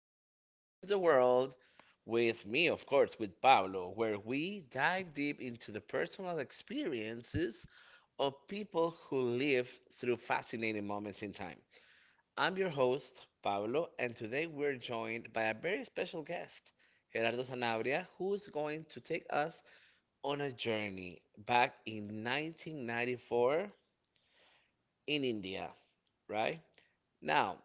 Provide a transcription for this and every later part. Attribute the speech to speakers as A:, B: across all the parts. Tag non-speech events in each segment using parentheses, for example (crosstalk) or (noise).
A: Exploring the World with me, of course, with Pablo, where we dive deep into the personal experiences of people who live through fascinating moments in time. I'm your host, Pablo, and today we're joined by a very special guest, Gerardo Sanabria, who's going to take us on a journey back in 1994 in India, right? Now,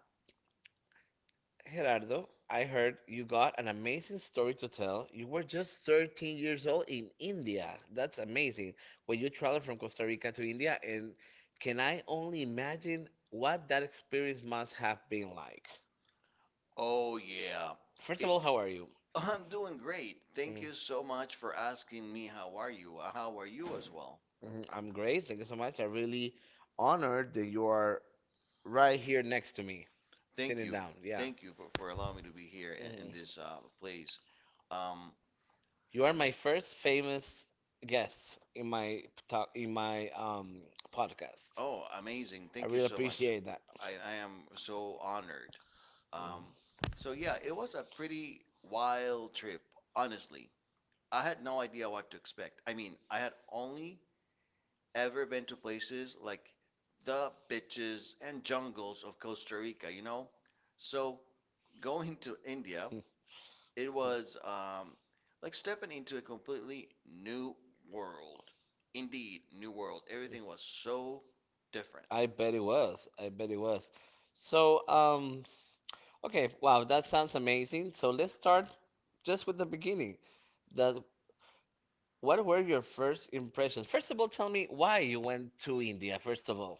A: Gerardo, I heard you got an amazing story to tell. You were just 13 years old in India. That's amazing. When you traveled from Costa Rica to India, and can I only imagine what that experience must have been like?
B: Oh, yeah.
A: First
B: It,
A: of all,
B: are
A: how are
B: you?
A: you?
B: I'm doing great. Thank you so much for asking me how are you? How are you as well?
A: Mhm, I'm great. Thank you so much. I'm really honored that you are right here next to me.
B: Thank you. Thank you for allowing me to be here in this place. Um,
A: You are my first famous guest in my talk in my podcast.
B: oh, amazing. I Thank you so much. That.
A: That.
B: I am so honored. Um, yeah, it was a pretty wild trip, honestly. I had no idea what to expect. I mean, I had only ever been to places like the beaches and jungles of Costa Rica, you know? So going to India, it was like stepping into a completely new world. Indeed, new world.
A: (laughs)
B: Everything was so different. I
A: I bet it was. I bet it was. So, um, okay, wow, that sounds amazing. So let's start just with the beginning. That What were your first impressions? First of all, tell me why you went to India, first of all.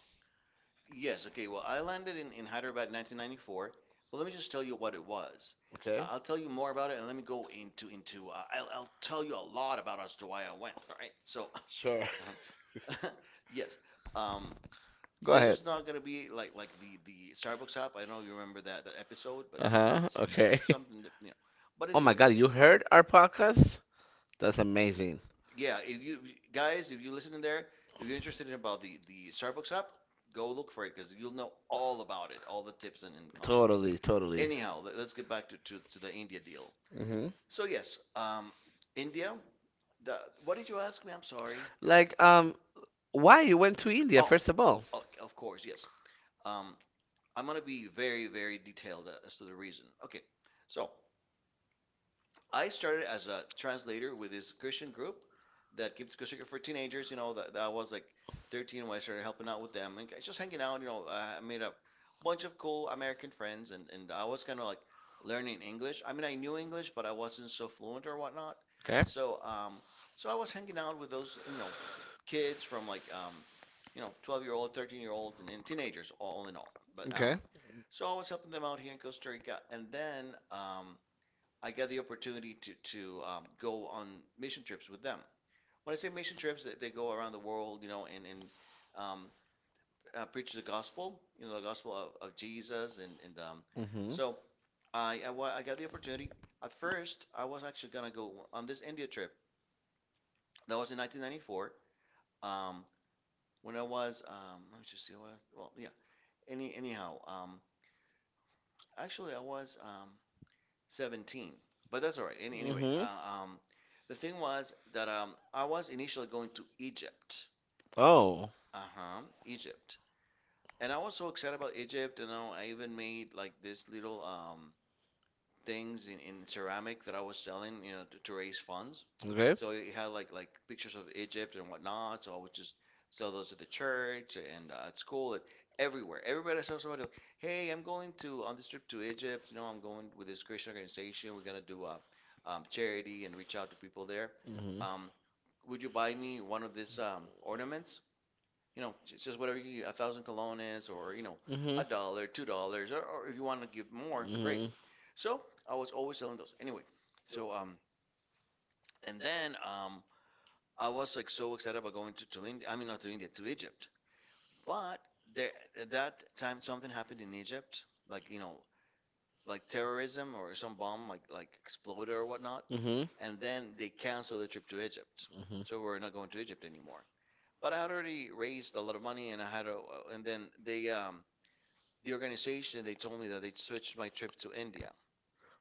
B: Yes, okay, well, I landed in Hyderabad in 1994, but let me just tell you what it was.
A: Okay?
B: I'll tell you more about it and let me go into I'll, tell you a lot about as to why I went, all right? So
A: Sure.
B: (laughs) (laughs) Yes. Um,
A: (laughs) Go
B: this
A: ahead.
B: is not gonna be like the Starbucks app. I know you remember that episode, but yeah,
A: Uh-huh.
B: it's
A: Okay.
B: it's something
A: (laughs)
B: that you know. But Oh
A: Oh my
B: anyway,
A: God, you heard our podcast? That's amazing.
B: yeah, if you guys, if you listen in there, if you're interested in about the Starbucks app, go look for it because you'll know all about it, all the tips and cons. Totally.
A: Totally, totally.
B: Anyhow, let, us get back to the India deal.
A: Mm-hmm.
B: So yes, India. The, what did you ask me? I'm sorry.
A: Like, um, why you went to
B: Oh,
A: India
B: all?
A: first of all?
B: Oh, of course, yes. Um, I'm gonna be very, very detailed as to the reason. Okay, so I started as a translator with this Christian group that keeps Christian for teenagers. You know, that I was like 13 when I started helping out with them and just hanging out. You know, I made a bunch of cool American friends, and I was kind of like learning English. I mean, I knew English, but I wasn't so fluent or whatnot.
A: Okay.
B: So um, so I was hanging out with those you know kids from like you know 12-year-old, 13-year-olds, and teenagers all in all. But
A: Okay.
B: so I was helping them out here in Costa Rica, and then I got the opportunity to go on mission trips with them. When I say mission trips, they go around the world, you know, and um, preach the gospel, you know, the gospel of Jesus, and
A: Mhm.
B: so I got the opportunity. At first, I was actually gonna go on this India trip. That was in 1994. Um, when I was let me just see what I, well yeah any anyhow actually I was 17. But that's all right.
A: Mhm.
B: The thing was that I was initially going to Egypt.
A: Oh.
B: Uh-huh, Egypt. And I was so excited about Egypt, and you know, I even made like this little things in ceramic that I was selling, you know, to raise funds.
A: Okay.
B: So it had like pictures of Egypt and whatnot. So I would just sell those at the church and at school and everywhere. Everybody I saw somebody, like, hey, I'm going to on this trip to Egypt. You know, I'm going with this Christian organization. We're gonna do a charity and reach out to people there.
A: Mhm.
B: Um, would you buy me one of these ornaments? You know, just whatever you, 1,000 colones or you know, a
A: Mhm.
B: dollar, $2, or if you want to give more, great.
A: Mhm.
B: So I was always selling those. Anyway, so and then I was like so excited about going to India. I mean, not to India, to Egypt. But there at that time, something happened in Egypt, like you know, like terrorism or some bomb like exploded or whatnot,
A: Mhm.
B: and then they canceled the trip to Egypt.
A: Mhm.
B: So we're not going to Egypt anymore. But I had already raised a lot of money, and I had a, and then they. The organization they told me that they switched my trip to India.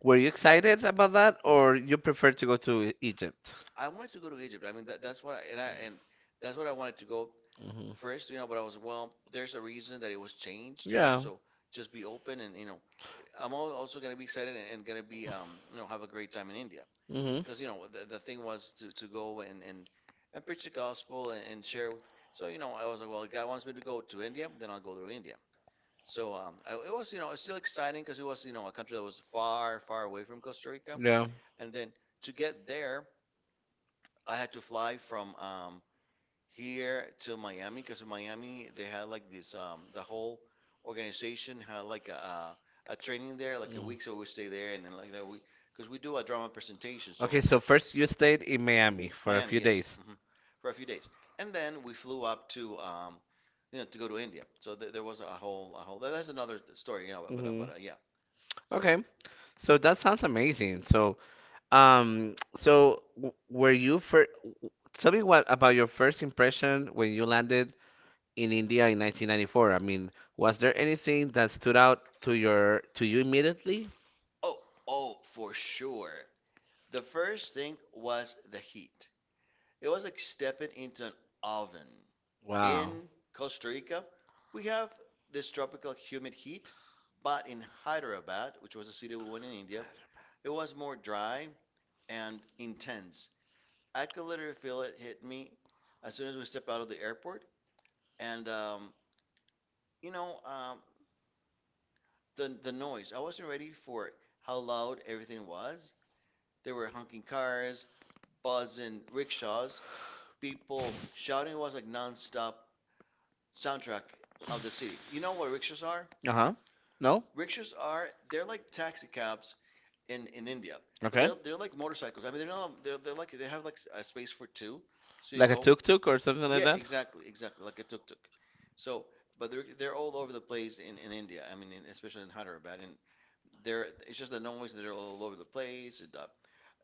A: Were you excited about that, or you prefer to go to Egypt?
B: I wanted to go to Egypt. I mean that's what I and that's what I wanted to go
A: Mhm.
B: first, you know, but I was, well, there's a reason that it was changed, you know,
A: Yeah.
B: so just be open and, you know, also going to be excited and going to be, you know, have a great time in India.
A: Mhm.
B: Because, you know, the thing was to go and preach the gospel and share with. So, you know, I was like, well, God wants me to go to India, then I'll go to India. So it was, you know, it's still exciting because it was, you know, a country that was far, far away from Costa Rica.
A: Yeah.
B: And then to get there, I had to fly from here to Miami because in Miami they had like this the whole organization had like a training there like a week so we stay there and then like that we because we do a drama
A: Mhm.
B: presentation so
A: Okay,
B: so
A: so
B: first
A: first
B: you
A: you
B: stayed
A: stayed
B: in
A: in
B: Miami.
A: Miami for a few
B: Yes
A: days.
B: hmm for a few days and then we flew up to you know to go to India so there was a whole that's another story you know
A: Hmm.
B: but yeah so Okay.
A: Okay, so that sounds amazing. So, so w- were you first? Tell me what about your first impression when you landed in India in 1994. I mean, was there anything that stood out to you immediately?
B: Oh, oh for sure the first thing was the heat. It was like stepping into an oven. Wow.
A: Wow.
B: In Costa Rica, we have this tropical humid heat, but in Hyderabad, which was a city we went in India, it was more dry and intense. I could literally feel it hit me as soon as we stepped out of the airport, and you know the noise. I wasn't ready for how loud everything was. There were honking cars, buzzing rickshaws, people shouting. It was like nonstop soundtrack of the city. You know what rickshaws are?
A: Uh-huh. No?
B: Rickshaws are they're like taxi cabs in India, but
A: Okay.
B: they're like motorcycles. I mean, they're not they're, they're like they have like a space for two, so you
A: Like a
B: go.
A: tuk-tuk or something like
B: Yeah,
A: that?
B: exactly, exactly, like a tuk-tuk. So, but they're all over the place in India. I mean, in, especially in Hyderabad, and they're it's just the noise. They're all over the place. And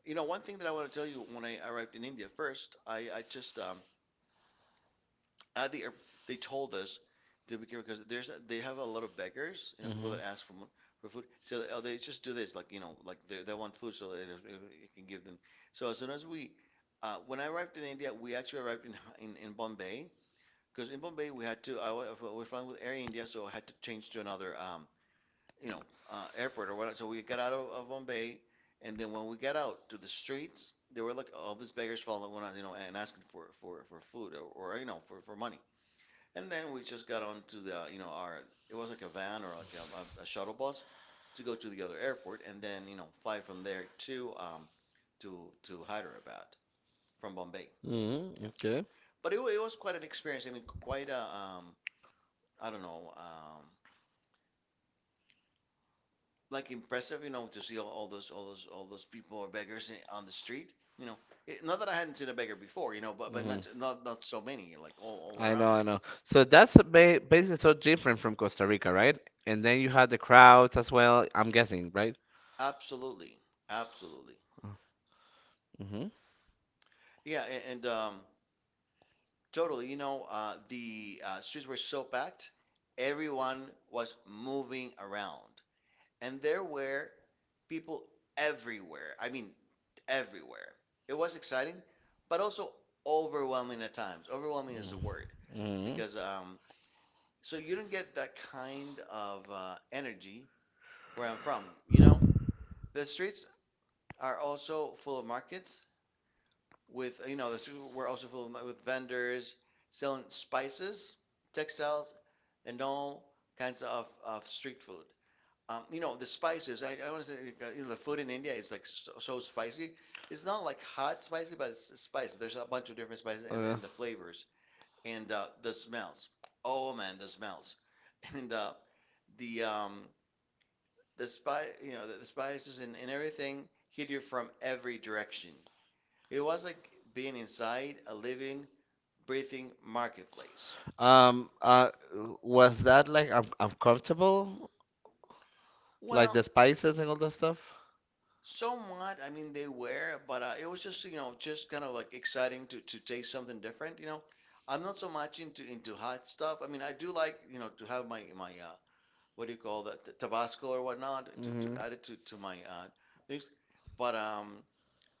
B: you know, one thing that I want to tell you when I arrived in India first, I just at the airport, they told us to be careful because there's they have a lot of beggars, you know, people
A: Mm-hmm.
B: that ask for food. So they- oh, they just do this, like you know, like they want food, so that it can give them. So as soon as we, when I arrived in India, we actually arrived in in Bombay because in Bombay we had to I was flying with Air India, so I had to change to another you know airport or whatnot. So we got out of Bombay, and then when we got out to the streets, there were like all these beggars following us, you know, and asking for food or you know for money. And then we just got onto the, you know, our, it was like a van or like a shuttle bus to go to the other airport and then, you know, fly from there to, to Hyderabad from Bombay.
A: Mm-hmm.
B: Yeah.
A: Okay.
B: It was quite an experience. I mean, quite a, I don't know, like impressive, you know, to see all those people or beggars on the street, you know. It, not that I hadn't seen a beggar before, you know, but
A: Hmm.
B: not so many, like all
A: I
B: around
A: know, I
B: us.
A: know. So that's a ba basically so different from Costa Rica, right? And then you had the crowds as well, I'm guessing, right?
B: Absolutely. Absolutely.
A: Mm-hmm.
B: Yeah, totally, you know, the streets were so packed, everyone was moving around, and there were people everywhere. I mean, everywhere. It was exciting, but also overwhelming at times. Overwhelming is the word
A: Mm-hmm.
B: because so you don't get that kind of energy where I'm from. You know, the streets are also full of markets with you know, the streets were also full of, with vendors selling spices, textiles and all kinds of street food. You know, the spices, I want to say, you know, the food in India is like so, so spicy. It's not like hot spicy, but it's spicy. There's a bunch of different spices
A: Uh,
B: and the flavors and the smells. Oh man, the smells. (laughs) And the um, the spice. You know, the spices and everything hit you from every direction. It was like being inside a living, breathing marketplace.
A: um, uh, was that like un uncomfortable? Like
B: Well, the
A: the
B: spices
A: spices
B: and
A: and
B: all
A: all
B: that
A: that
B: stuff?
A: stuff?
B: Somewhat, I mean, they were, but it was just, you know, just kind of like exciting to taste something different. I'm not so much into hot stuff. I mean, I do like, you know, to have my what do you call that, Tabasco or whatnot, to
A: Mm-hmm.
B: add it to my things, but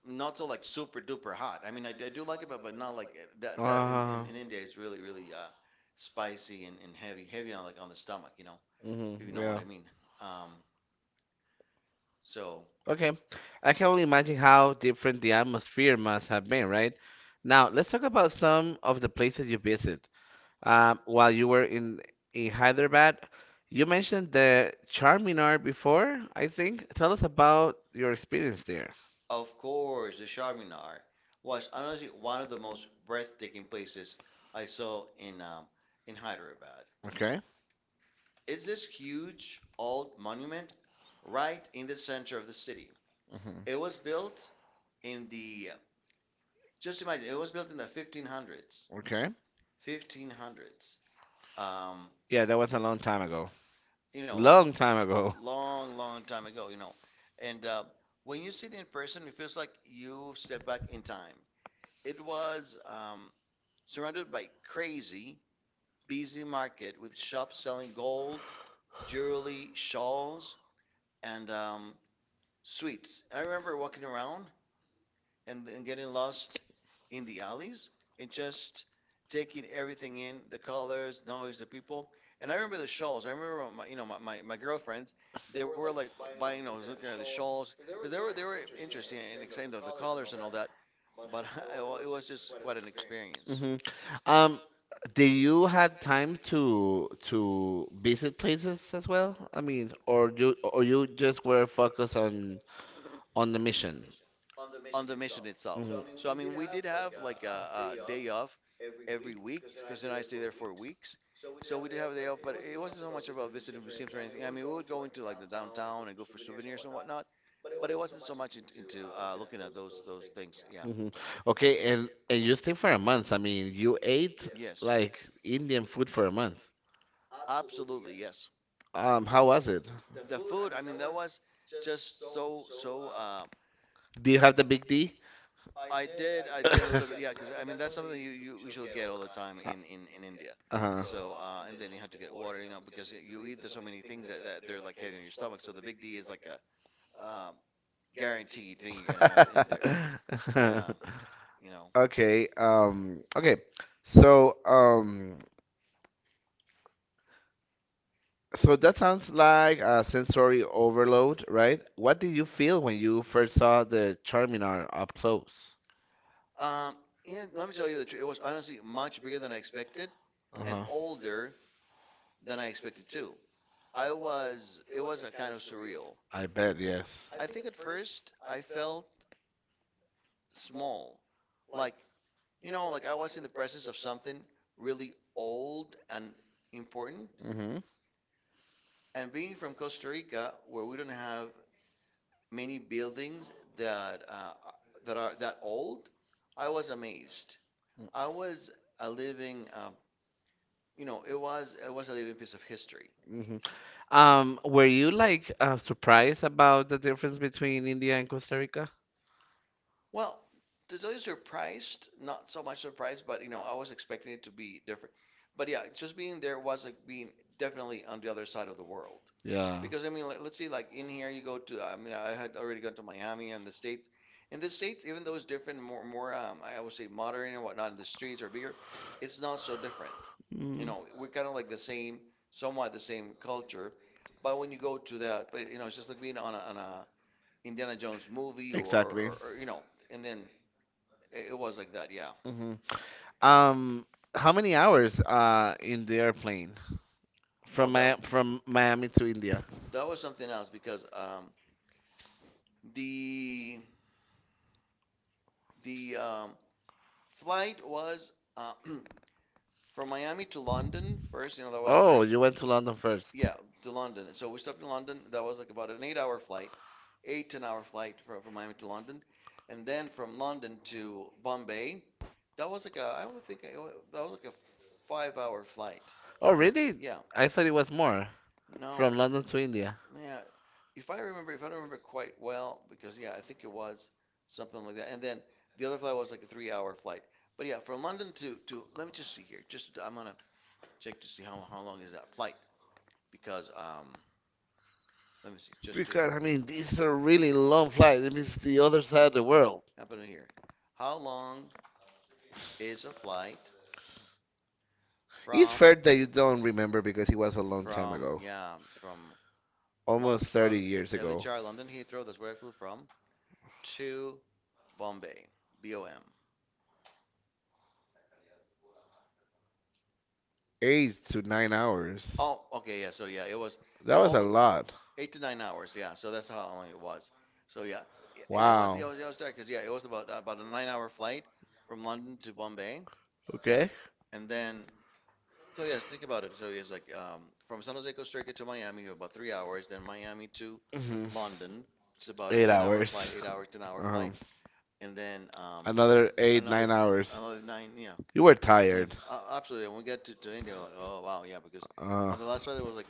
B: not so like super duper hot. I mean, I do like it, but not like that in
A: Uh,
B: in, in India is really really spicy, and heavy heavy on, like, on the stomach, you know, if you
A: mm-hmm.
B: know what
A: Yeah.
B: I mean. Um, so.
A: Okay, I can only imagine how different the atmosphere must have been, right? Now, let's talk about some of the places you visit. While you were in Hyderabad, you mentioned the Charminar before, I think. Tell us about your experience there.
B: Of course, the Charminar was honestly one of the most breathtaking places I saw in Hyderabad.
A: Okay.
B: It's this huge old monument right in the center of the city. It
A: Hmm.
B: was built in the, just imagine, it was built in the 1500s,
A: Okay.
B: 1500s. Um,
A: Yeah, that was a long time ago.
B: you know, like
A: Long time ago.
B: long, long time ago. And when you see it in person, it feels like you've stepped back in time. It was surrounded by crazy, busy market with shops selling gold, jewelry, shawls, and sweets. I remember walking around and getting lost in the alleys and just taking everything in: the colors, the noise, the people. And I remember the shawls. I remember my, you know, my girlfriends, they were like buying, looking at the shawls because they were interesting and exciting, the colors and all that. But (laughs) it was just quite an experience.
A: Hmm. Um, do you had time to visit places as well? I mean, or you just were focused on the mission?
B: On the mission itself.
A: Mhm.
B: So I mean, we did have like a day off every week because then I stay there for weeks. So we did have a day off, but it wasn't so much about visiting museums or anything. I mean, we would go into like the downtown and go for souvenirs and whatnot, but it wasn't so much into looking at those things. Yeah.
A: Hmm. Okay,
B: Okay.
A: and you stayed for a month. I mean, you ate
B: Yes.
A: like Indian food for a month.
B: Absolutely. Yes.
A: How was it?
B: The food. I mean, that was just so so.
A: Do you have the big D?
B: I did. I did a little bit. Yeah, because I mean that's
A: (laughs)
B: something that you usually get all the time in India.
A: Uh huh.
B: So and then you have to get water, you know, because you eat, there's so many things that they're like heavy on your stomach. So the big D is like a um, guaranteed thing you're gonna have
A: (laughs)
B: in there. (laughs)
A: There.
B: Yeah,
A: (laughs)
B: you know.
A: Okay, okay. So, um, so that sounds like a sensory overload, right? What did you feel when you first saw the Charminar up close?
B: Um, and let me tell you the truth, it was honestly much bigger than I expected, and older than I expected too. It was a kind of surreal.
A: I bet, yes.
B: I think at first I felt small, like, you know, like I was in the presence of something really old and important.
A: Mm-hmm.
B: And being from Costa Rica, where we don't have many buildings that uh, that are that old, I was amazed. I was a living, You know, it was a living piece of history.
A: Hmm. Were you like surprised about the difference between India and Costa Rica?
B: Well, to tell you, surprised, not so much surprised, but you know, I was expecting it to be different. But yeah, just being there was like being definitely on the other side of the world.
A: Yeah.
B: Because I mean, let's see, like in here, you go to, I mean, I had already gone to Miami and the States. In the States, even though it's different, more, I would say modern and whatnot, and the streets are bigger, it's not so different. You
A: Mm.
B: know, we're kind of like the same, somewhat the same culture. But when you go to that, but you know, it's just like being on on a Indiana Jones movie, or,
A: Exactly.
B: or, or, you know, and then it was like that, yeah.
A: Hmm. Um, how many hours in the airplane
B: Oh,
A: from
B: that,
A: Mi from Miami to India?
B: that was something else because the the flight was (clears throat) from Miami to London first. You know, that was the
A: Oh,
B: first. You
A: you
B: went
A: went
B: to
A: to
B: London
A: London
B: first.
A: first.
B: Yeah, to London. So we stopped in London. That was like about an 8-hour flight, 8, 10-hour flight from Miami to London, and then from London to Bombay. That was like a, I would think, that was like a 5-hour flight.
A: Oh, really?
B: Yeah,
A: I thought it was more
B: no,
A: from London to India.
B: yeah. If I remember, if I don't remember quite well, because yeah, I think it was something like that. And then the other flight was like a 3-hour flight. But yeah, from London to, let me just see here. Just, I'm gonna check to see how long is that flight, because let me see, just to I
A: Because I
B: mean,
A: mean,
B: these
A: these
B: are
A: are
B: really
A: really
B: long
A: long flights.
B: flights.
A: It means
B: It's the
A: the
B: other
A: other
B: side
A: side of
B: of
A: the
B: the world.
A: world.
B: Happening here. How long is a flight
A: It's
B: from, fair
A: fair that
B: that
A: you
B: you don't
A: don't
B: remember
A: remember
B: because
A: because it
B: it was
A: was a
B: a
A: long time
B: long, from,
A: ago,
B: yeah, from Lon,
A: almost 30
B: Lon,
A: years ago.
B: LHR London Heathrow? That's where I flew from to Bombay, BOM.
A: 8 to 9 hours.
B: Oh, okay, yeah. So yeah, it was,
A: That
B: yeah,
A: was a
B: almost
A: lot.
B: 8 to 9 hours. Yeah, so that's how long it was. So yeah, yeah, and it was it
A: Wow.
B: was it was because, yeah, it was about a 9 hour flight from London to Bombay. Yeah,
A: Okay.
B: and then, so yes, think about it. So it's like, from San Jose, Costa Rica to Miami, you have about 3 hours. Then Miami to
A: Hmm.
B: London, which is about a
A: Eight
B: 10 hour flight,
A: hours.
B: 8 hours, 10 hour
A: Um,
B: flight. And then
A: another eight,
B: another
A: 9 hours.
B: nine. Yeah,
A: You were
B: and if,
A: tired.
B: absolutely, when we get to India, we're like, oh, wow, yeah, because
A: Uh,
B: on the last ride it was like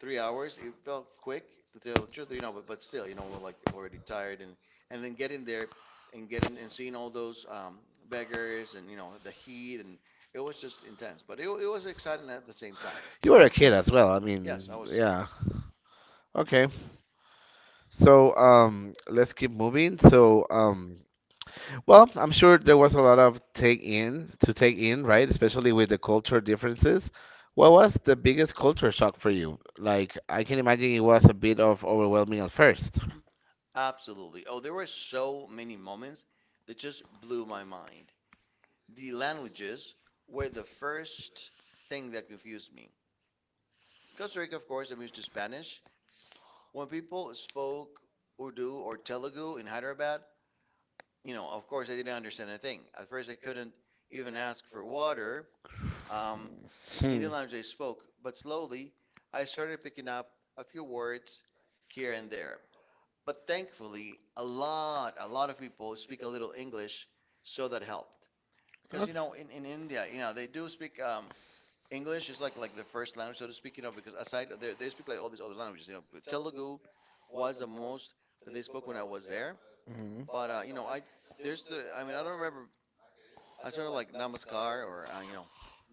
B: 3 hours. It felt quick, to tell the truth, you know, but still, you know, we're like already tired, and then getting there and seeing all those beggars and, you know, the heat, and it was just intense, but it was exciting at the same time.
A: you were a kid as well. I mean,
B: Yes, I was.
A: yeah. Okay. Let's keep moving. Well, I'm sure there was a lot of take in, right? Especially with the culture differences. What was the biggest culture shock for you? Like I can imagine it was a bit of overwhelming at first.
B: Absolutely. Oh, there were so many moments that just blew my mind. The languages were the first thing that confused me. Costa Rica, of course, I'm used to Spanish. When people spoke Urdu or Telugu in Hyderabad, you know, of course, I didn't understand a thing. At first, I couldn't even ask for water um, in the language they spoke, but slowly I started picking up a few words here and there. But thankfully, a lot of people speak a little English, so that helped. Because, you
A: Okay.
B: know, in India, you know, they do speak, English is like the first language, so to speak, you know, because aside, they speak like all these other languages, you know, but Telugu was the most that they spoke when I was there.
A: Mhm.
B: But you know, I there's the I mean, I don't remember. I started like Namaskar or, you know,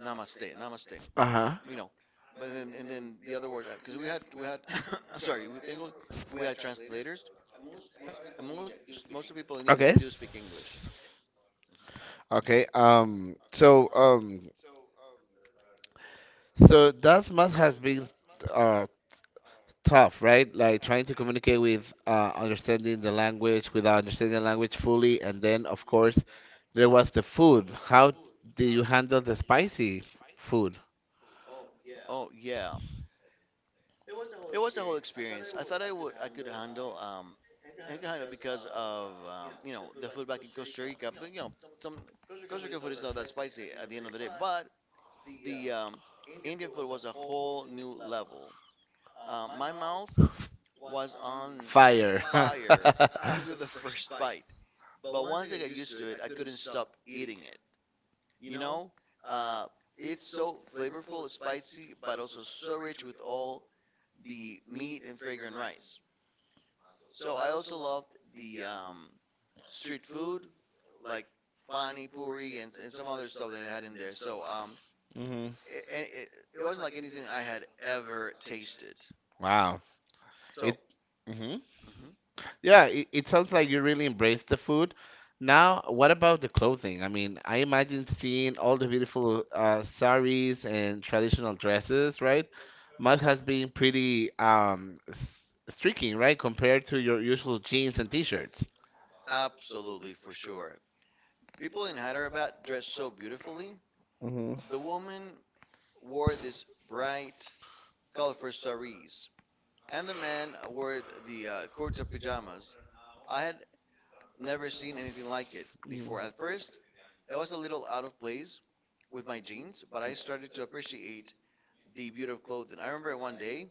B: Namaste, Namaste,
A: Uh-huh.
B: you know. But then and then the other words, because we had (coughs) I'm sorry, we think we had translators, and most of the people in India do speak English.
A: Okay. Okay. So that must has been. uh, Tough, right? Like trying to communicate with understanding the language without understanding the language fully, and then of course there was the food. How do you handle the spicy food?
B: Oh, yeah. It was a whole experience. I thought I could handle, because of, you know, the food back in Costa Rica. But you know, some Costa Rican food is not that spicy at the end of the day. But the Indian food was a whole new level. My mouth was on
A: Fire. (laughs)
B: fire (laughs) after the first bite. But once I got used to it, I couldn't stop eating it. You know, uh, it's so flavorful, it's spicy, but also so rich with all the meat and fragrant rice. So I also loved the street food, like pani puri and some other stuff they had in there. So
A: Hmm.
B: it wasn't like anything I had ever tasted.
A: Wow.
B: So
A: It. Mhm.
B: mhm,
A: Yeah, it sounds like you really embrace the food. Now, what about the clothing? I mean, I imagine seeing all the beautiful saris and traditional dresses, right? Must has been pretty streaking, right, compared to your usual jeans and t-shirts.
B: absolutely, for sure. People in Hyderabad dress so beautifully.
A: Hmm.
B: The woman wore this bright, colorful saris, and the man wore the kurta pajamas. I had never seen anything like it
A: Mm.
B: before. At first, I was a little out of place with my jeans, but I started to appreciate the beauty of clothing. I remember one day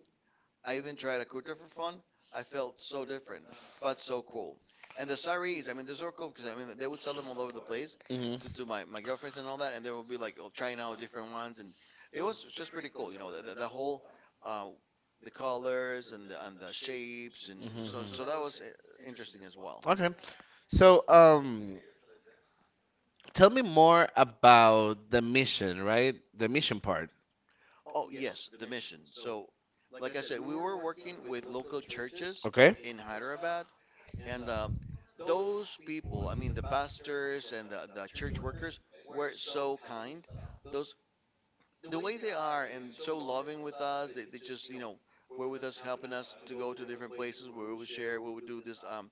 B: I even tried a kurta for fun. I felt so different, but so cool. And the saris, I mean, they're so cool because, I mean, they would sell them all over the place
A: Mhm.
B: to my girlfriends and all that, and they would be like, oh, trying out different ones, and it was just pretty cool, you know, the whole uh, the colors and the shapes, and
A: Mhm,
B: so
A: mhm.
B: so that was interesting as well.
A: Okay. So, tell me more about the mission, right? The mission part.
B: Oh, yes, the mission. So, like I said, we were working with local churches
A: Okay.
B: in Hyderabad, and those people, I mean, the pastors and the church workers, were so kind. Those the way they are and so loving with us. They just were with us, helping us to go to different places where we would share, we would do this. Um,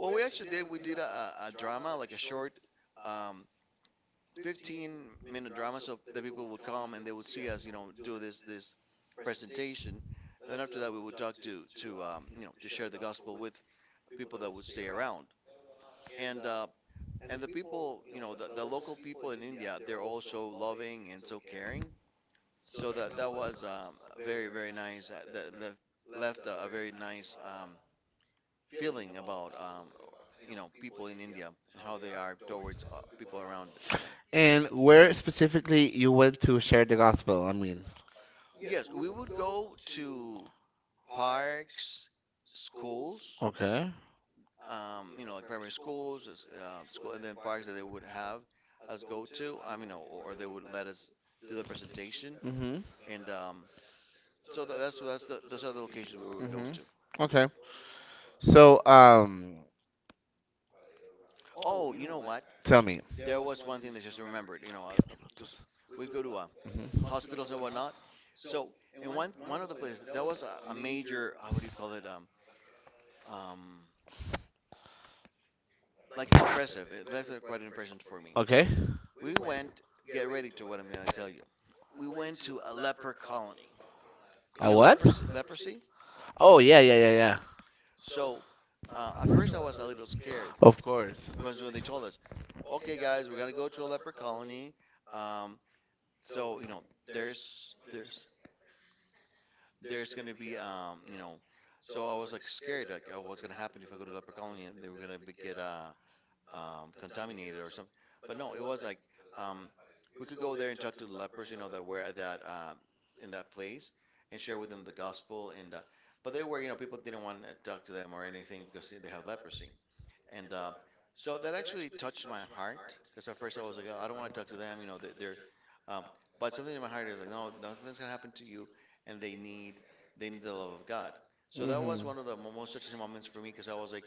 B: well, we actually did. We did a drama, like a short um, 15-minute drama so that people would come and they would see us, do this presentation. Then after that, we would talk to to share the gospel with people that would stay around. And uh, and the people, the local people in India, they're also loving and so caring. So that was very very nice. That left a very nice feeling about people in India and how they are towards people around them.
A: And where specifically you went to share the gospel? I mean,
B: Yes, we would go to parks, schools,
A: okay.
B: like primary schools, school, and then parks that they would have us go to. I mean, or they would let us do the presentation,
A: Mhm.
B: and so those are the locations where we would go
A: Mhm.
B: to.
A: Okay. So,
B: Oh, you know what?
A: tell me.
B: There was one thing that I just remembered. You know, because we go to
A: Mhm.
B: hospitals and whatnot. So, in one of the places, there was a major, how would you call it? Um, like impressive. It left quite an impression for me.
A: Okay.
B: We went. Get ready to what I'm gonna tell you. We went to a leper colony. You
A: A
B: know
A: what?
B: leprosy. Leprosy.
A: Oh yeah, yeah, yeah, yeah.
B: So, at first I was a little scared
A: Of course.
B: because when they told us, "Okay, guys, we're gonna go to a leper colony," um, so there's there's there's gonna be so I was like scared like, oh, what's gonna happen if I go to leper colony and they were gonna get contaminated or something. But no, it was like um, we could go there and talk to the lepers, that were at that in that place, and share with them the gospel. And But they were, you know, people didn't want to talk to them or anything because they have leprosy. And So that actually touched my heart because at first I was like, oh, I don't want to talk to them, you know, they're um, but something in my heart is like, no, nothing's gonna happen to you, and they need the love of God. So that was
A: Mhm.
B: one of the most touching moments for me because I was like,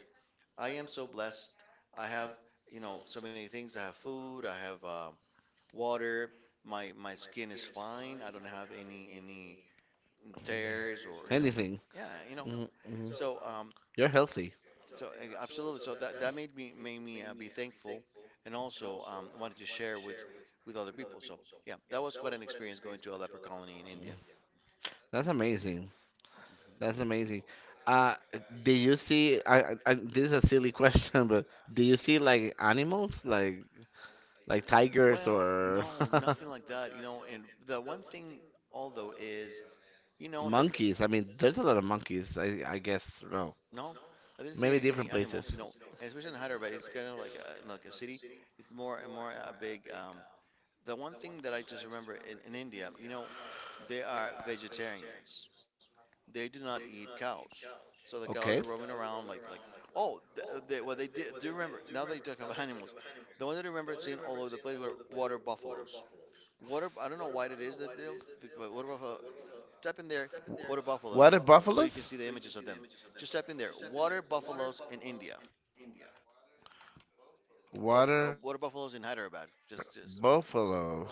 B: I am so blessed. I have so many things. I have food. I have water. My skin is fine. I don't have any tears or you know,
A: Anything.
B: yeah, you know.
A: Mhm, mhm.
B: So um, uh,
A: You're healthy.
B: so, absolutely. So that made me be thankful, and also wanted to share with other people. So yeah, that was quite an experience going to a leper colony in
A: Mm.
B: India.
A: That's amazing.
B: Mhm.
A: That's amazing. Uh, do you see? This is a silly question, (laughs) but do you see like animals, like tigers
B: Well,
A: or
B: no,
A: (laughs)
B: nothing like that. And the one thing, although, is You know that
A: monkeys? I mean, there's a lot of monkeys. I guess no,
B: no, I didn't see any,
A: maybe
B: any
A: different
B: animals. You
A: places.
B: know, and especially in Hyderabad, it's kind of like a city. It's more and more a big. The one thing that I just remember in India, they are vegetarians. They do not eat cows, so the cows
A: Okay.
B: are roaming around like. Oh, well, they did, do remember. Now that you talk about (laughs) animals, the one that I remember seeing all over the place were water buffaloes. Water. I don't know why it is that they don't. But water buffalo Type in there water buffaloes
A: What are
B: so you can
A: buffaloes?
B: see the images of them. Just type in there water buffaloes in India.
A: Water
B: Oh, water buffaloes in
A: buffaloes
B: Hyderabad. Just
A: in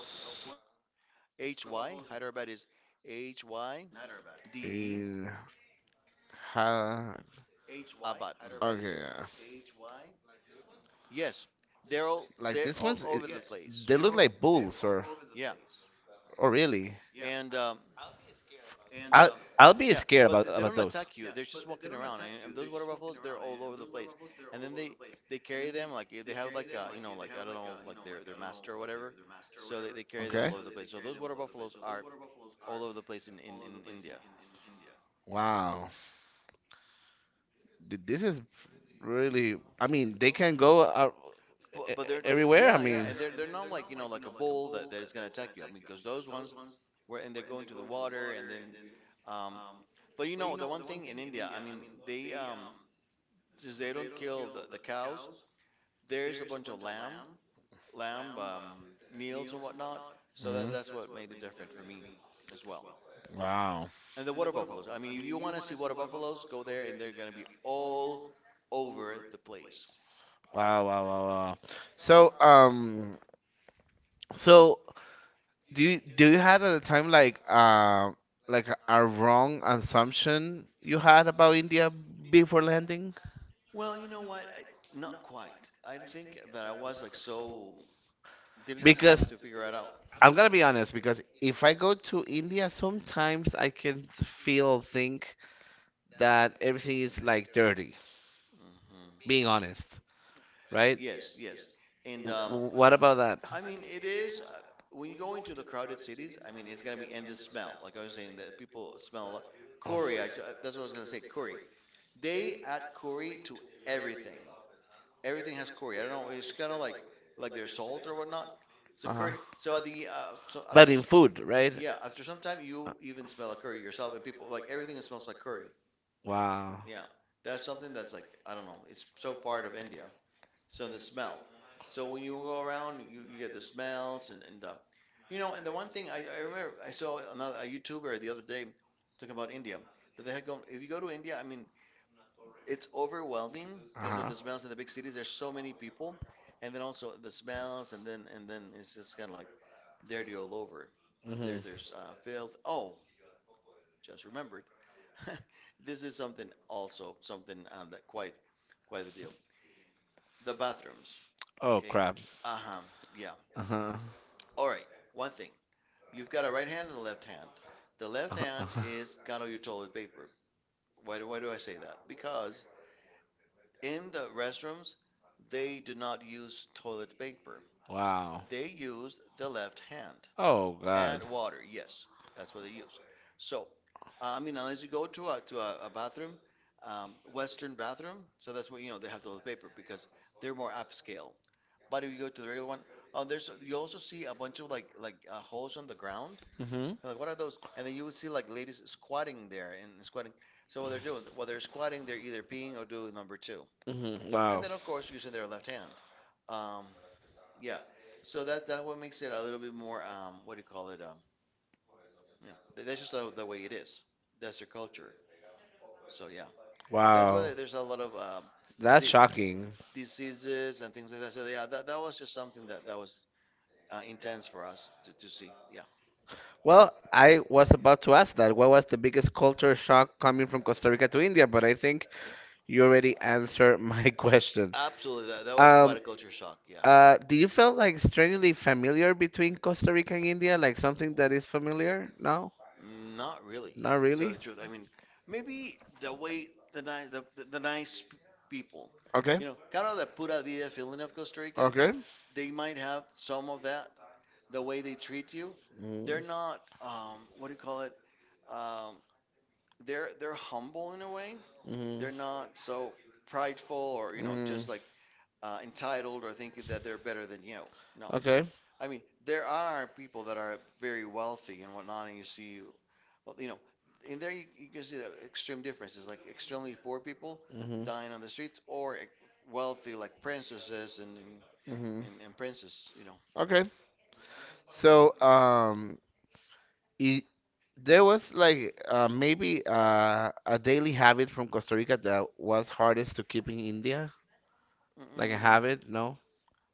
B: H
A: ha.
B: Y. Hyderabad is H
A: Okay,
B: Y
A: yeah.
B: D E Abad. Mhm.
A: Okay,
B: Yes,
A: like these
B: they're
A: ones,
B: all
A: I
B: they're all over
A: they
B: the
A: look like
B: place.
A: bulls, or
B: Yeah,
A: Oh, really?
B: and um,
A: I'll be
B: yeah,
A: scared
B: but th-
A: about
B: they don't attack you.
A: those.
B: They're just walking around, and those water buffaloes they're all over the place. And then they carry them like they have like I don't know like their master or whatever. So they carry them all over the
A: Okay.
B: place. So those water buffaloes are all over the place in India.
A: Wow. This is really. I mean, they can go
B: But but they're am I?
A: everywhere. I
B: Yeah, yeah,
A: mean,
B: and they're not like a bull that is gonna attack you. I mean, because those ones were and they go into the water and then, um, but you know the one thing in India, I mean they since they don't kill the cows, there's a bunch of lamb lamb meals and whatnot. So that's
A: Mm.
B: that's what made it different for me as well.
A: Wow.
B: And the water buffaloes. I mean, if you want to see water buffaloes, go there and they're gonna be all over the place.
A: Wow, wow, wow, wow. So, um, so do you had at the time like a wrong assumption you had about India before landing?
B: Well, you know what? Not quite. I think that I was like so didn't have time
A: Because
B: to figure it out.
A: I'm gonna be honest, because if I go to India, sometimes I can feel think that everything is like dirty,
B: Hmm.
A: being honest, right?
B: Yes, yes. And
A: What about that?
B: I mean, it is when you go into the crowded cities. I mean, it's gonna be and the smell. Like I was saying, that people smell a lot. Curry, that's what I was gonna say. Curry. They add curry to everything. Everything has curry. I don't know. It's kind of like their salt or whatnot. So curry. So at the so after.
A: But in food, right?
B: Yeah, after some time, you even smell a curry yourself, and people like everything that smells like curry.
A: Wow.
B: Yeah, that's something that's like I don't know. It's so part of India. So the smell. So when you go around, you get the smells and you know. And the one thing I remember I saw another a YouTuber the other day talking about India that they had gone. If you go to India, I mean, it's overwhelming because
A: Uh-huh.
B: of the smells in the big cities. There's so many people, and then also the smells, and then it's just kind of like dirty all over.
A: Hmm.
B: There's filth. Oh, just remembered (laughs) this is something also something that quite the deal. The bathrooms,
A: Oh
B: okay?
A: crap.
B: Uh-huh. Yeah.
A: Uh-huh. (laughs)
B: All right. One thing. You've got a right hand and a left hand. The left hand
A: Uh-huh.
B: is kind of your toilet paper. Why do I say that? Because in the restrooms, they do not use toilet paper.
A: Wow.
B: They use the left hand
A: Oh
B: and
A: god.
B: water. Yes, that's what they use. So, I mean, unless you go to a bathroom, Western bathroom, so that's what they have toilet paper because they're more upscale. But if you go to the regular one, there's you also see a bunch of like holes on the ground.
A: Mhm.
B: You're like what are those? And then you would see like ladies squatting there and squatting. So what they're doing, while they're squatting, they're either peeing or doing number two,
A: Mhm.
B: and
A: Wow.
B: then of course using their left hand. Um, yeah. So that what makes it a little bit more what do you call it? Yeah, that's just the way it is. That's their culture. So yeah. that's why
A: Wow.
B: there- there's a lot of
A: That's shocking.
B: diseases and things like that. So yeah, that was just something that was intense for us to see. Yeah,
A: Well, I was about to ask that. What was the biggest culture shock coming from Costa Rica to India? But I think you already answered my (laughs) question.
B: absolutely. That was quite
A: Um,
B: a culture shock. Yeah.
A: do you feel like strangely familiar between Costa Rica and India? Like something that is familiar? No?
B: Not really.
A: Not
B: To tell
A: really?
B: the truth, I mean, maybe the way the nice people,
A: Okay.
B: you know, kind of the pura vida feeling of Costa Rica,
A: Okay.
B: they might have some of that, the way they treat you,
A: Mm.
B: they're not what do you call it? Um, they're humble in a way.
A: Mhm.
B: They're not so prideful or you know
A: Mm.
B: just like uh, entitled or thinking that they're better than you. No,
A: Okay.
B: I mean there are people that are very wealthy and whatnot, and you see, well, in there you can see that extreme differences, like extremely poor people
A: Mhm.
B: dying on the streets or wealthy like princesses and and,
A: Hmm.
B: and, and princes.
A: Okay. So, I There was like maybe a daily habit from Costa Rica that was hardest to keep in India, like a
B: Mm-mm.
A: habit, no?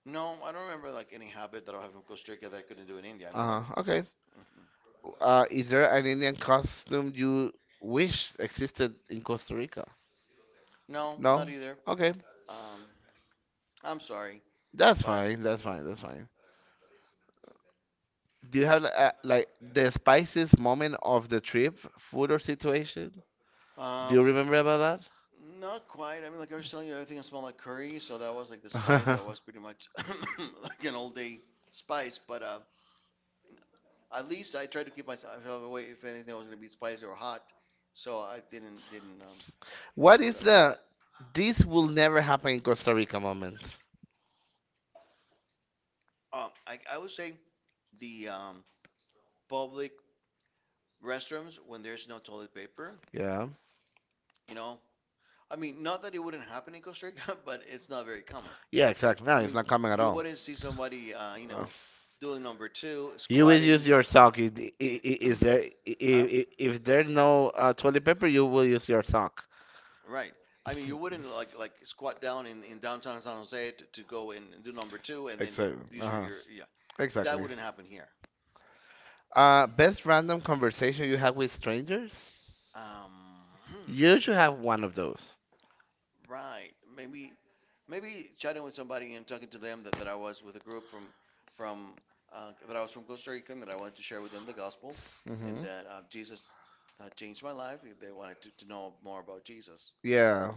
B: No, I don't remember like any habit that I have in Costa Rica that I couldn't do in India. I mean, like,
A: Huh. Okay.
B: mm-mm.
A: Is there an Indian costume you wish existed in Costa Rica?
B: no,
A: No?
B: not either.
A: Okay.
B: Um, I'm sorry,
A: That's
B: but I'm
A: fine. That's
B: thinking of.
A: fine. That's fine. Do you have like the spiciest moment of the trip, food or situation?
B: Mm.
A: Do you
B: Um,
A: remember about that?
B: not quite. I mean, like I was telling you, everything smelled like
A: (laughs)
B: curry, so that was like the spice that was pretty much (coughs) like an all day spice. But at least I tried to keep myself away if anything was gonna be spicy or hot, so I didn't.
A: What
B: What go is
A: is
B: that way.
A: the this will never happen in Costa Rica moment?
B: That? I would say the public restrooms when there's no toilet paper.
A: Yeah.
B: You know, I mean, not that it wouldn't happen in Costa Rica, (laughs) but it's not very common.
A: Yeah, exactly. No,
B: I
A: it's
B: mean,
A: not coming at
B: you
A: all.
B: wouldn't see somebody,
A: Uh,
B: doing number two,
A: will use
B: squatting.
A: your sock.
B: In
A: Is there
B: (clears throat) uh,
A: if there's no toilet paper, you will use your sock.
B: right. I mean, you wouldn't like squat down in downtown San Jose to go and do number two,
A: (laughs)
B: and then true.
A: Exactly.
B: These are
A: Uh-huh.
B: your, yeah. Exactly. That
A: Exactly.
B: wouldn't happen here.
A: Best random conversation you have with strangers?
B: Um, hmm,
A: You should have one of those.
B: right. Maybe maybe chatting with somebody and talking to them that, that I was with a group from that I was from Costa Rica and that I wanted to share with them the gospel and
A: Mm-hmm.
B: that Jesus changed my life. They wanted to know more about Jesus.
A: Yeah.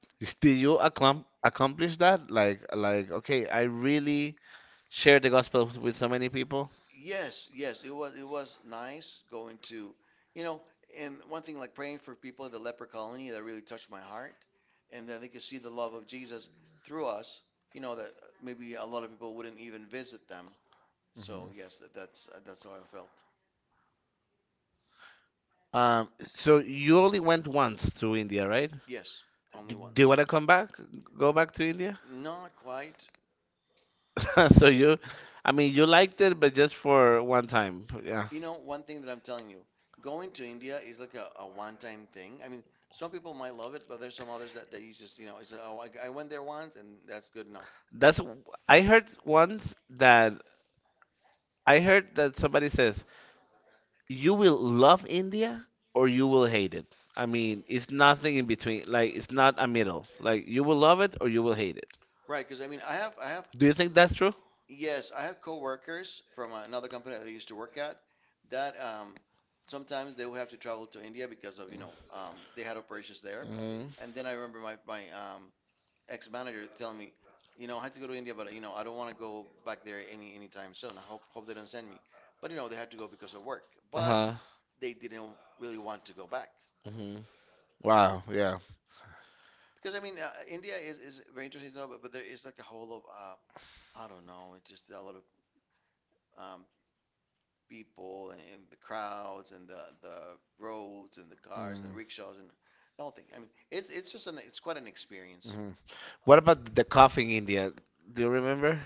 A: (laughs) Did you accomplish that? Like, okay, I really shared the gospel with so many people.
B: Yes, yes, it was nice going to, you know, and one thing like praying for people at the leper colony that really touched my heart, and then they could see the love of Jesus through us. You know that maybe a lot of people wouldn't even visit them. So yes, that, that's how I felt.
A: So you only went once to India, right?
B: Yes,
A: D
B: only
A: Do you
B: once.
A: want to come back? Go back to India?
B: Not quite.
A: (laughs) So you, I mean, you liked it, but just for one time. Yeah.
B: You know, one thing that I'm telling you, going to India is like a one-time thing. I mean, some people might love it, but there's some others that, that you just, you know, it's oh, I went there once and that's good enough.
A: That's, I heard once that I heard that somebody says, you will love India or you will hate it. I mean, it's nothing in between. Like it's not a middle. Like you will love it or you will hate it.
B: Right, because I mean,
A: Do you think that's true?
B: yes, I have coworkers from another company that I used to work at that sometimes they would have to travel to India because of, you know, they had operations there.
A: Hmm.
B: And then I remember my, my ex-manager telling me, you know, I had to go to India, but you know, I don't want to go back there any anytime soon. I hope they don't send me. But you know, they had to go because of work.
A: Uh
B: But
A: huh.
B: they didn't really want to go back
A: Hmm. Wow. Yeah.
B: because I mean, India is very interesting to know, but there is like a whole of I don't know, it's just a lot of um, people and the crowds and the roads and the cars and the
A: Mhm.
B: rickshaws and the whole thing. I mean, it's just an it's quite an experience.
A: Mhm. What about the coffee in India? Do you remember?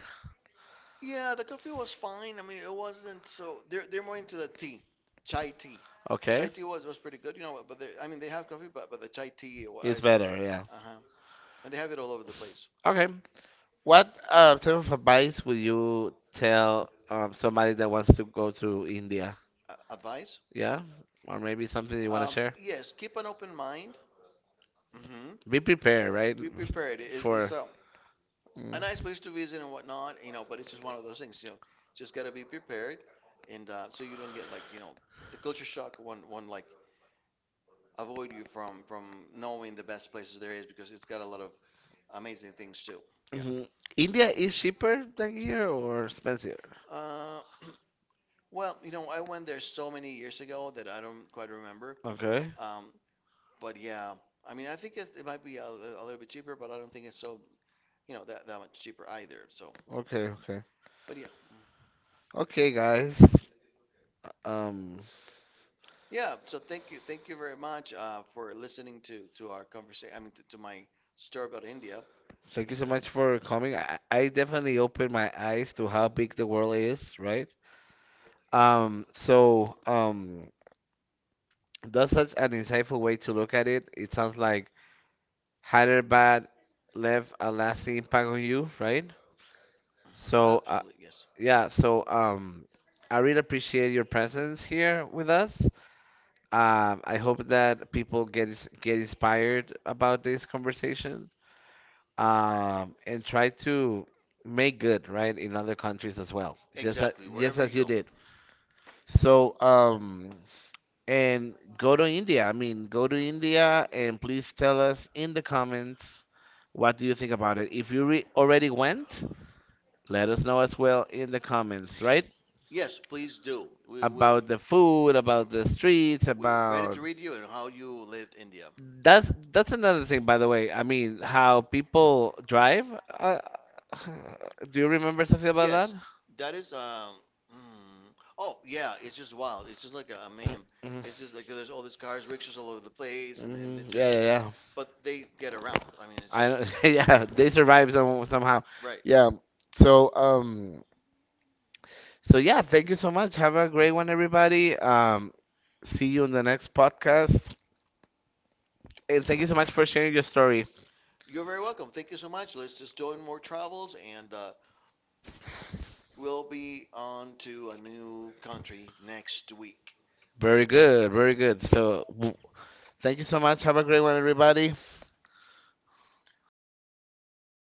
B: Yeah, the coffee was fine. I mean, it wasn't so. They're more into the tea, chai tea. Chai
A: Okay.
B: tea was pretty good, you know. But they, I mean, they have coffee, but the chai tea
A: It's
B: was,
A: better, yeah.
B: uh huh. And they have it all over the place.
A: Okay. What type of advice would you tell somebody that wants to go to India?
B: Advice?
A: Yeah, or maybe something you want to share?
B: Yes, keep an open mind. Hmm.
A: Be prepared, right?
B: Be prepared. It's
A: For Mm.
B: a nice place to visit and whatnot, you know. But it's just one of those things, you know. Just gotta be prepared, and so you don't get like you know the culture shock. One one like avoid you from knowing the best places there is because it's got a lot of amazing things too. Yeah.
A: Mhm. India is cheaper than here or expensive?
B: Uh, (clears throat) well, you know, I went there so many years ago that I don't quite remember.
A: Okay,
B: Um, but yeah, I mean, I think it's, it might be a little bit cheaper, but I don't think it's so, you know, that, that much cheaper either. So,
A: okay, okay.
B: but yeah,
A: Okay, guys. Um,
B: yeah. So thank you very much for listening to our conversation. I mean, to my story about India.
A: thank you so
B: And
A: much for coming. I definitely opened my eyes to how big the world is, right? Um, so, um, That's such an insightful way to look at it. It sounds like higher bad left a lasting impact on you, right?
B: mhm,
A: So, uh,
B: absolutely, yes,
A: yeah, so um, I really appreciate your presence here with us. I hope that people get get inspired about this conversation and try to make good, right, in other countries as well,
B: exactly.
A: just
B: Wherever you
A: as you
B: go,
A: did. So, and go to India. I mean, go to India and please tell us in the comments what do you think about it. If you already went, let us know as well in the comments, right?
B: yes, please do. We will.
A: About the food,
B: We're
A: about the streets,
B: we're ready
A: about
B: to read you and how you lived India.
A: that's another thing, by the way. I mean, how people drive. Uh, (sighs) do you remember something about that?
B: Yes, that is. Mm, oh yeah, it's just wild. It's just like a mayhem.
A: Yes. Mhm.
B: It's just like there's all these cars, rickshaws all over the place, and
A: Mhm.
B: it's
A: Yeah, yeah,
B: just.
A: yeah.
B: But they get around. I mean, it's
A: I
B: just
A: don't, (laughs)
B: just.
A: yeah, they survive some, somehow.
B: Right.
A: Yeah. So, so yeah, thank you so much. Have a great one, everybody. See you in the next podcast. And thank you so much for sharing your story.
B: You're very welcome. Thank you so much. Let's just do more travels, and we'll be on to a new country next week.
A: Very good, very good. Thank you so much. Have a great one, everybody.
B: Later.